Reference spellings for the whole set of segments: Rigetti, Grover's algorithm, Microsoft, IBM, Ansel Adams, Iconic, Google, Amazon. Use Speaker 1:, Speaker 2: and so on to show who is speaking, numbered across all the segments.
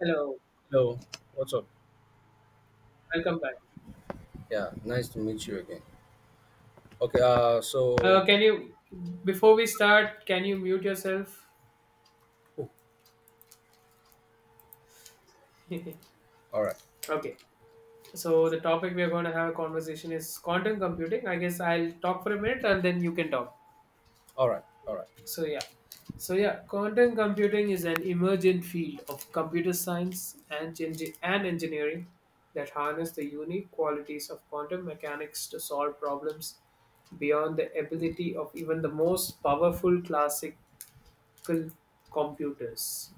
Speaker 1: Hello,
Speaker 2: Hello, what's up?
Speaker 1: welcome back.
Speaker 2: Yeah, nice to meet you again. Okay, uh,
Speaker 1: Uh,
Speaker 2: so,
Speaker 1: can you, before we start, can you mute yourself?
Speaker 2: oh,
Speaker 1: Okay.
Speaker 2: all right,
Speaker 1: So the topic we are going to have a conversation is quantum computing. I guess I'll talk for a minute and then you can talk.
Speaker 2: all right,
Speaker 1: So yeah. So yeah, quantum computing is an emergent field of computer science and engineering that harness the unique qualities of quantum mechanics to solve problems beyond the ability of even the most powerful classical computers.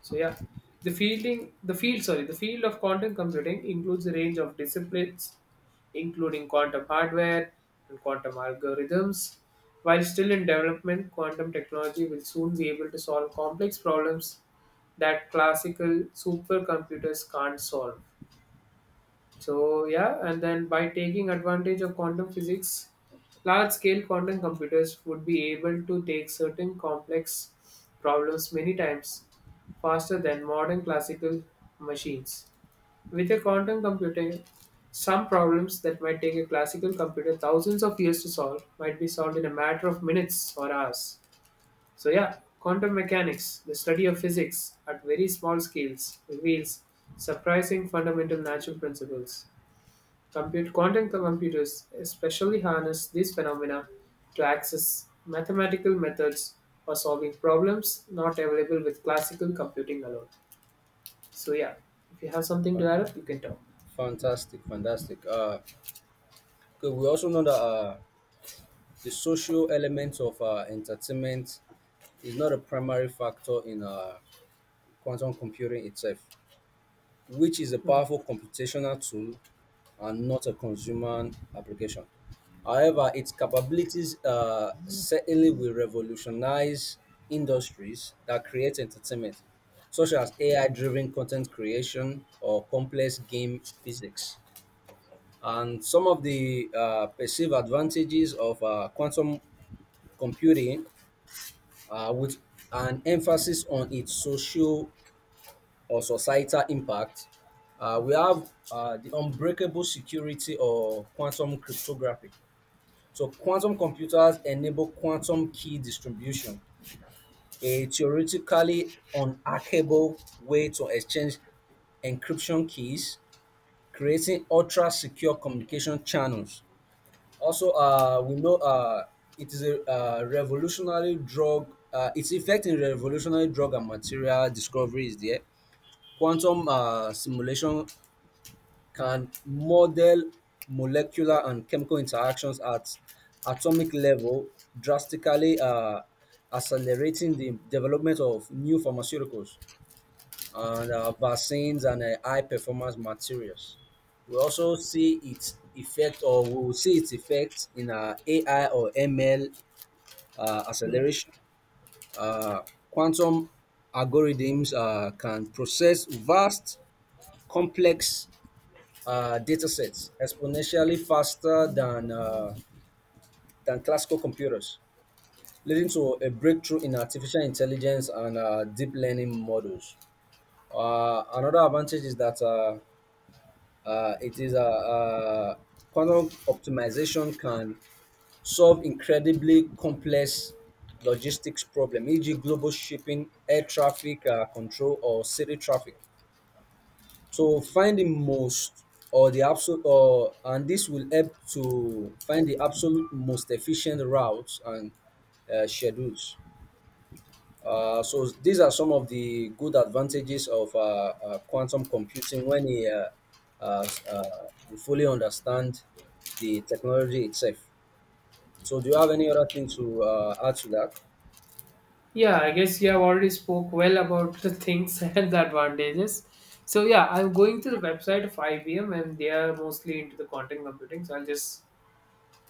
Speaker 1: So yeah, the fielding, the field, sorry, the field of quantum computing includes a range of disciplines, including quantum hardware and quantum algorithms. While still in development, quantum technology will soon be able to solve complex problems that classical supercomputers can't solve. So yeah, and then by taking advantage of quantum physics, large-scale quantum computers would be able to take certain complex problems many times faster than modern classical machines. With a quantum computer, some problems that might take a classical computer thousands of years to solve might be solved in a matter of minutes or hours. So yeah, quantum mechanics, the study of physics at very small scales, reveals surprising fundamental natural principles. Quantum computers especially harness these phenomena to access mathematical methods for solving problems not available with classical computing alone. So yeah, if you have something to
Speaker 2: Fan-
Speaker 1: add up, you can talk.
Speaker 2: fantastic, fantastic. Okay, we also know that the social element of entertainment is not a primary factor in quantum computing itself, which is a powerful computational tool and not a consumer application. However, its capabilities certainly will revolutionize industries that create entertainment, such as AI driven content creation or complex game physics. And some of the perceived advantages of quantum computing with an emphasis on its social or societal impact, we have the unbreakable security or quantum cryptography. So, quantum computers enable quantum key distribution, a theoretically unhackable way to exchange encryption keys, creating ultra secure communication channels. Also, we know it is a revolutionary drug, its effect in revolutionary drug and material discovery is there. Quantum simulation can model molecular and chemical interactions at atomic level, drastically accelerating the development of new pharmaceuticals and vaccines and high performance materials. We also see its effect, or we will see its effect in AI or ML
Speaker 1: Mm.
Speaker 2: acceleration. Uh, Quantum algorithms can process vast, complex data sets exponentially faster than classical computers, leading to a breakthrough in artificial intelligence and deep learning models. Another advantage is that uh, it is a, uh uh, quantum optimization can solve incredibly complex logistics problem, e.g., global shipping, air traffic control, or city traffic. So find the most or the absolute or and this will help to find the absolute most efficient routes and schedules, so these are some of the good advantages of quantum computing when uh, s- uh, we fully understand the technology itself. So do you have any other thing to add to that?
Speaker 1: Yeah, I guess you have already spoke well about the things and the advantages. So yeah, I'm going to the website of IBM and they are mostly into the quantum computing. So I'll just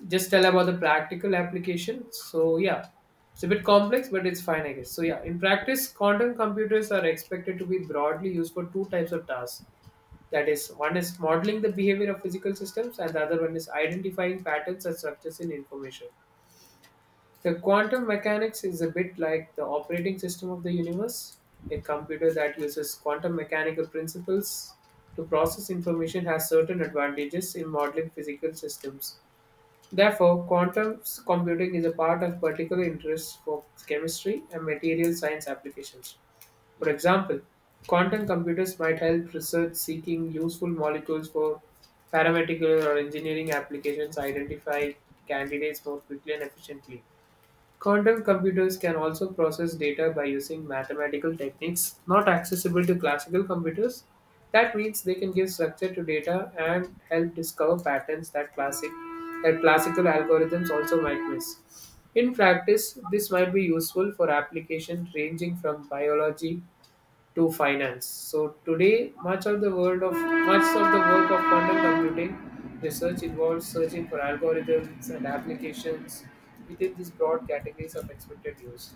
Speaker 1: just tell about the practical application. So yeah, it's a bit complex, but it's fine, I guess. So yeah, in practice, quantum computers are expected to be broadly used for two types of tasks. That is, one is modeling the behavior of physical systems, and the other one is identifying patterns and structures in information. The quantum mechanics is a bit like the operating system of the universe. A computer that uses quantum mechanical principles to process information has certain advantages in modeling physical systems. Therefore, quantum computing is a part of particular interest for chemistry and material science applications. For
Speaker 2: Yes.
Speaker 1: example, quantum computers might help research seeking useful molecules for pharmaceutical or engineering applications identify candidates more quickly and efficiently. Quantum computers can also process data by using mathematical techniques not accessible to classical computers. That means they can give structure to data and help discover patterns that classical algorithms also might miss. In practice, this might be useful for applications ranging from biology to finance. So today, much of the work of quantum computing research involves searching for algorithms and applications within these broad categories of expected use.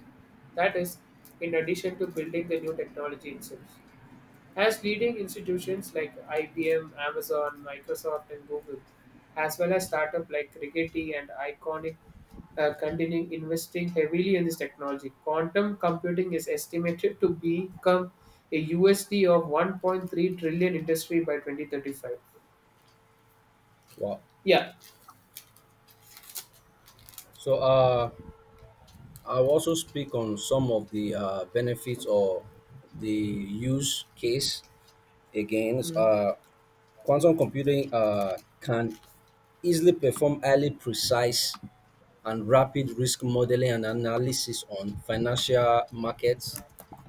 Speaker 1: That is, in addition to building the new technology itself as leading institutions like IBM, Amazon, Microsoft, and Google, as well as startups like Rigetti and Iconic, continuing investing heavily in this technology. Quantum computing is estimated to become a USD of 1.3 trillion industry by 2035.
Speaker 2: Wow.
Speaker 1: Yeah.
Speaker 2: So I'll also speak on some of the benefits or the use case against
Speaker 1: Mm.
Speaker 2: quantum computing. Can easily perform highly precise and rapid risk modeling and analysis on financial markets,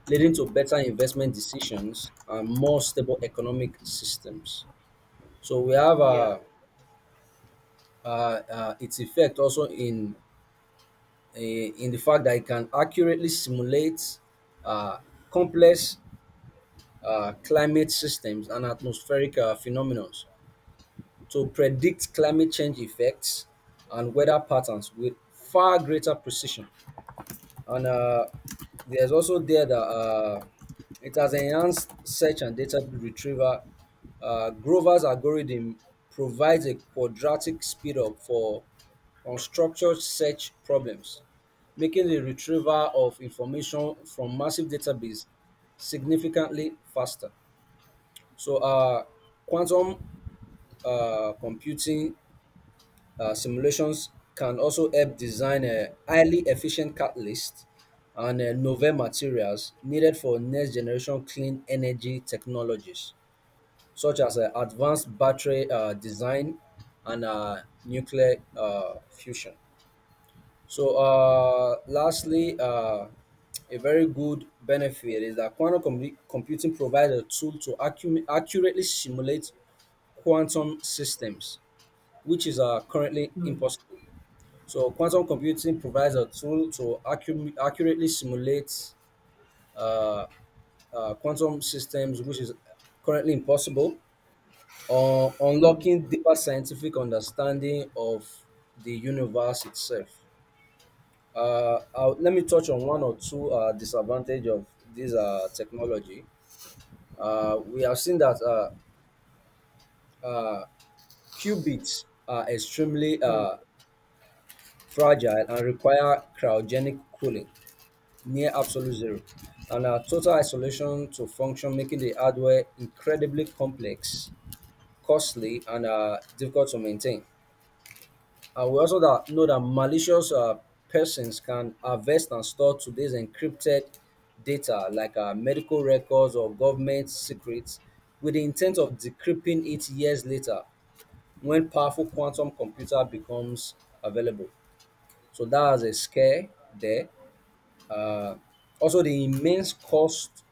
Speaker 2: leading to better investment decisions and more stable economic systems. So we have
Speaker 1: Yeah.
Speaker 2: its effect also in in the fact that it can accurately simulate uh, complex climate systems and atmospheric phenomena to predict climate change effects and weather patterns with far greater precision, and there's also there that it has enhanced search and data retrieval. Grover's algorithm provides a quadratic speed up for unstructured search problems, making the retrieval of information from massive database significantly faster. So, quantum computing simulations can also help design a highly efficient catalyst and novel materials needed for next generation clean energy technologies, such as advanced battery design and nuclear fusion. So, lastly, a very good benefit is that computing provides a tool to accurately simulate quantum systems, which is currently
Speaker 1: Mm.
Speaker 2: impossible. So quantum computing provides a tool to accurately simulate uh, quantum systems, which is currently impossible, or
Speaker 1: Mm.
Speaker 2: unlocking deeper scientific understanding of the universe itself. Let me touch on one or two disadvantage of this technology. We have seen that uh, qubits are extremely
Speaker 1: Mm.
Speaker 2: fragile and require cryogenic cooling, near absolute zero and a total isolation to function, making the hardware incredibly complex, costly and difficult to maintain. And we also that know that malicious persons can harvest and store today's encrypted data like medical records or government secrets with the intent of decrypting it years later when powerful quantum computer becomes available, so that has a scare there. uh, Also, the immense cost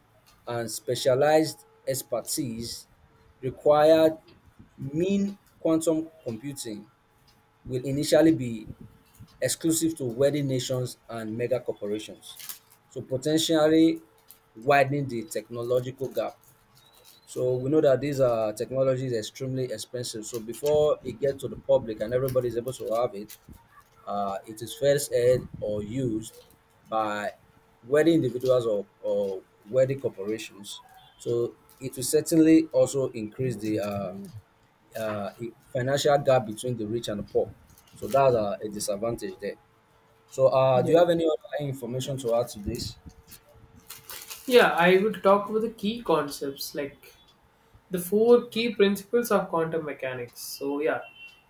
Speaker 2: and specialized expertise required mean quantum computing will initially be exclusive to wealthy nations and mega corporations, so potentially widening the technological gap. So we know that these technology is extremely expensive. So before it gets to the public and everybody is able to have it, it is first aired or used by wealthy individuals or wealthy corporations. So it will certainly also increase the financial gap between the rich and the poor. So that's a disadvantage there. So do you
Speaker 1: Yeah.
Speaker 2: have any other information to add to this?
Speaker 1: Yeah, I will talk about the key concepts like the four key principles of quantum mechanics. So, yeah,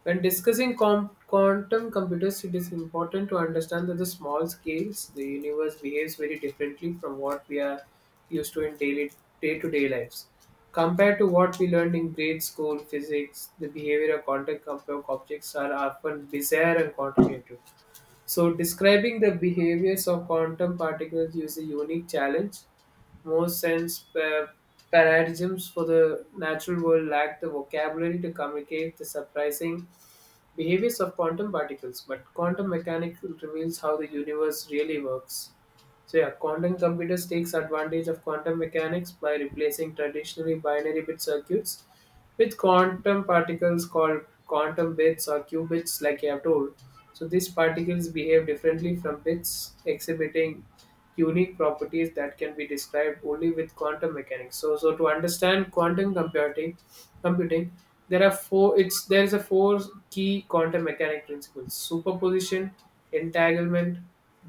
Speaker 1: when discussing quantum computers, it is important to understand that the small scales, the universe behaves very differently from what we are used to in daily day-to-day lives. Compared to what we learned in grade school physics, the behavior of objects are often bizarre and counterintuitive. So, describing the behaviors of quantum particles is a unique challenge. Most paradigms for the natural world lack the vocabulary to communicate the surprising behaviors of quantum particles, but quantum mechanics reveals how the universe really works. So yeah, quantum computers takes advantage of quantum mechanics by replacing traditionally binary bit circuits with quantum particles called quantum bits or qubits, like I have told. So these particles behave differently from bits, exhibiting unique properties that can be described only with quantum mechanics. So to understand quantum computing, there are four. It's there is a four key quantum mechanic principles: superposition, entanglement,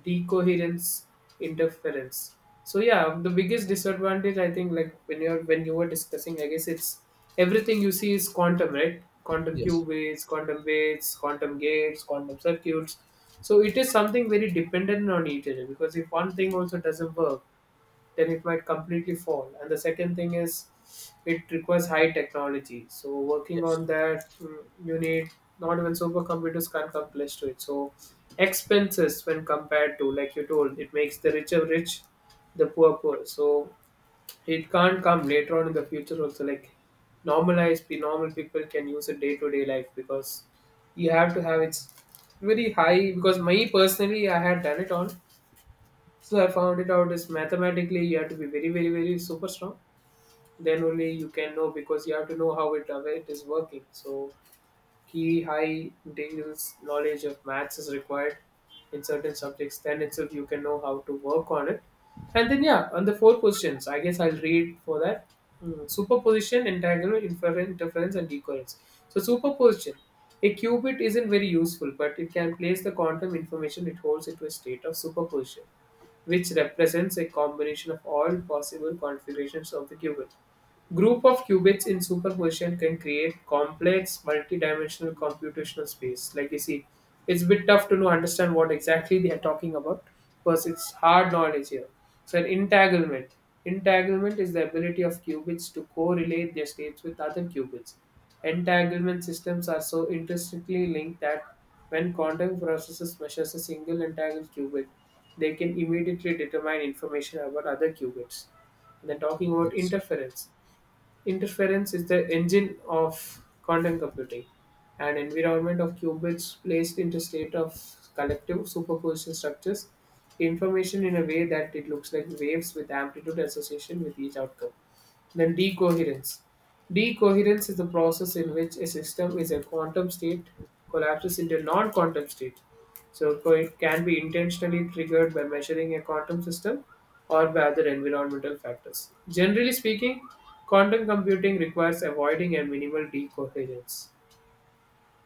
Speaker 1: decoherence, interference. So yeah, the biggest disadvantage I think, like when you were discussing, I guess it's everything you see is quantum, right? Quantum
Speaker 2: Yes.
Speaker 1: cube waves, quantum gates, quantum circuits. So it is something very dependent on each other because if one thing also doesn't work, then it might completely fall. And the second thing is it requires high technology. So working
Speaker 2: Yes.
Speaker 1: on that, you need, not even supercomputers can come close to it. So expenses when compared to, like you told, it makes the richer rich, the poor poor. So it can't come later on in the future also like normalized the normal people can use it day to day life because you have to have it's very high because me personally I had done it on, so I found it out is mathematically you have to be very super strong, then only you can know because you have to know how it is working. So key high integral knowledge of maths is required in certain subjects, then itself you can know how to work on it. And then yeah, on the four positions I guess I'll read for that. Mm, superposition, entanglement, inference, interference and decoherence. So superposition, a qubit isn't very useful but it can place the quantum information it holds into a state of superposition, which represents a combination of all possible configurations of the qubit. Group of qubits in superposition can create complex multi-dimensional computational space. Like you see, it's a bit tough to know understand what exactly they are talking about because it's hard knowledge here. So an entanglement. Entanglement is the ability of qubits to correlate their states with other qubits. Entanglement systems are so intrinsically linked that when quantum processes measures a single entangled qubit, they can immediately determine information about other qubits. And then talking about
Speaker 2: Yes.
Speaker 1: interference. Interference is the engine of quantum computing, an environment of qubits placed into state of collective superposition structures information in a way that it looks like waves with amplitude association with each outcome. Then decoherence. Decoherence is the process in which a system is a quantum state collapses into a non-quantum state. It can be intentionally triggered by measuring a quantum system or by other environmental factors. Generally speaking, quantum computing requires avoiding a minimal decoherence.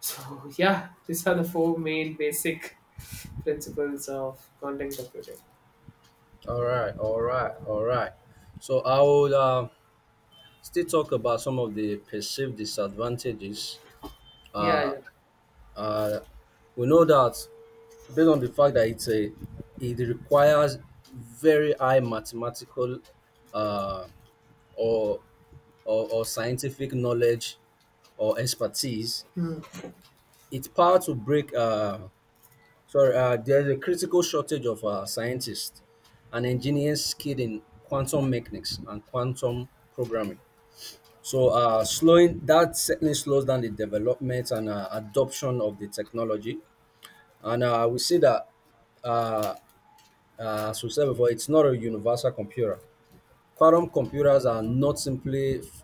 Speaker 1: So yeah, these are the four main basic principles of quantum computing.
Speaker 2: All right. All right. All right. So I will still talk about some of the perceived disadvantages.
Speaker 1: Yeah,
Speaker 2: Uh,
Speaker 1: yeah.
Speaker 2: uh, we know that, based on the fact that it requires very high mathematical uh, or, or scientific knowledge or expertise,
Speaker 1: Hmm.
Speaker 2: it's power to break sorry, there's a critical shortage of scientists and engineers skilled in quantum mechanics and quantum programming. So slowing that certainly slows down the development and adoption of the technology. And I would say that, uh, as we said before, it's not a universal computer. Quantum computers are not simply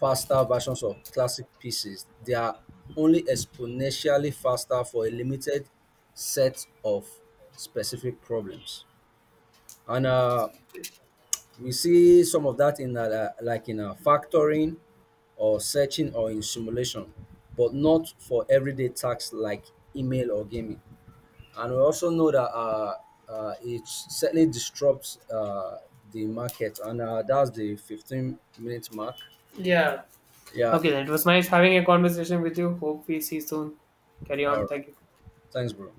Speaker 2: faster versions of classic PCs, they are only exponentially faster for a limited set of specific problems. And we see some of that in factoring or searching or in simulation, but not for everyday tasks like email or gaming. And we also know that it certainly disrupts the market. And that's the 15-minute mark.
Speaker 1: Yeah.
Speaker 2: Yeah.
Speaker 1: Okay,
Speaker 2: It,
Speaker 1: then it was nice having a conversation with you. Hope we see soon. Carry
Speaker 2: all
Speaker 1: on.
Speaker 2: right.
Speaker 1: Thank you.
Speaker 2: Thanks, bro.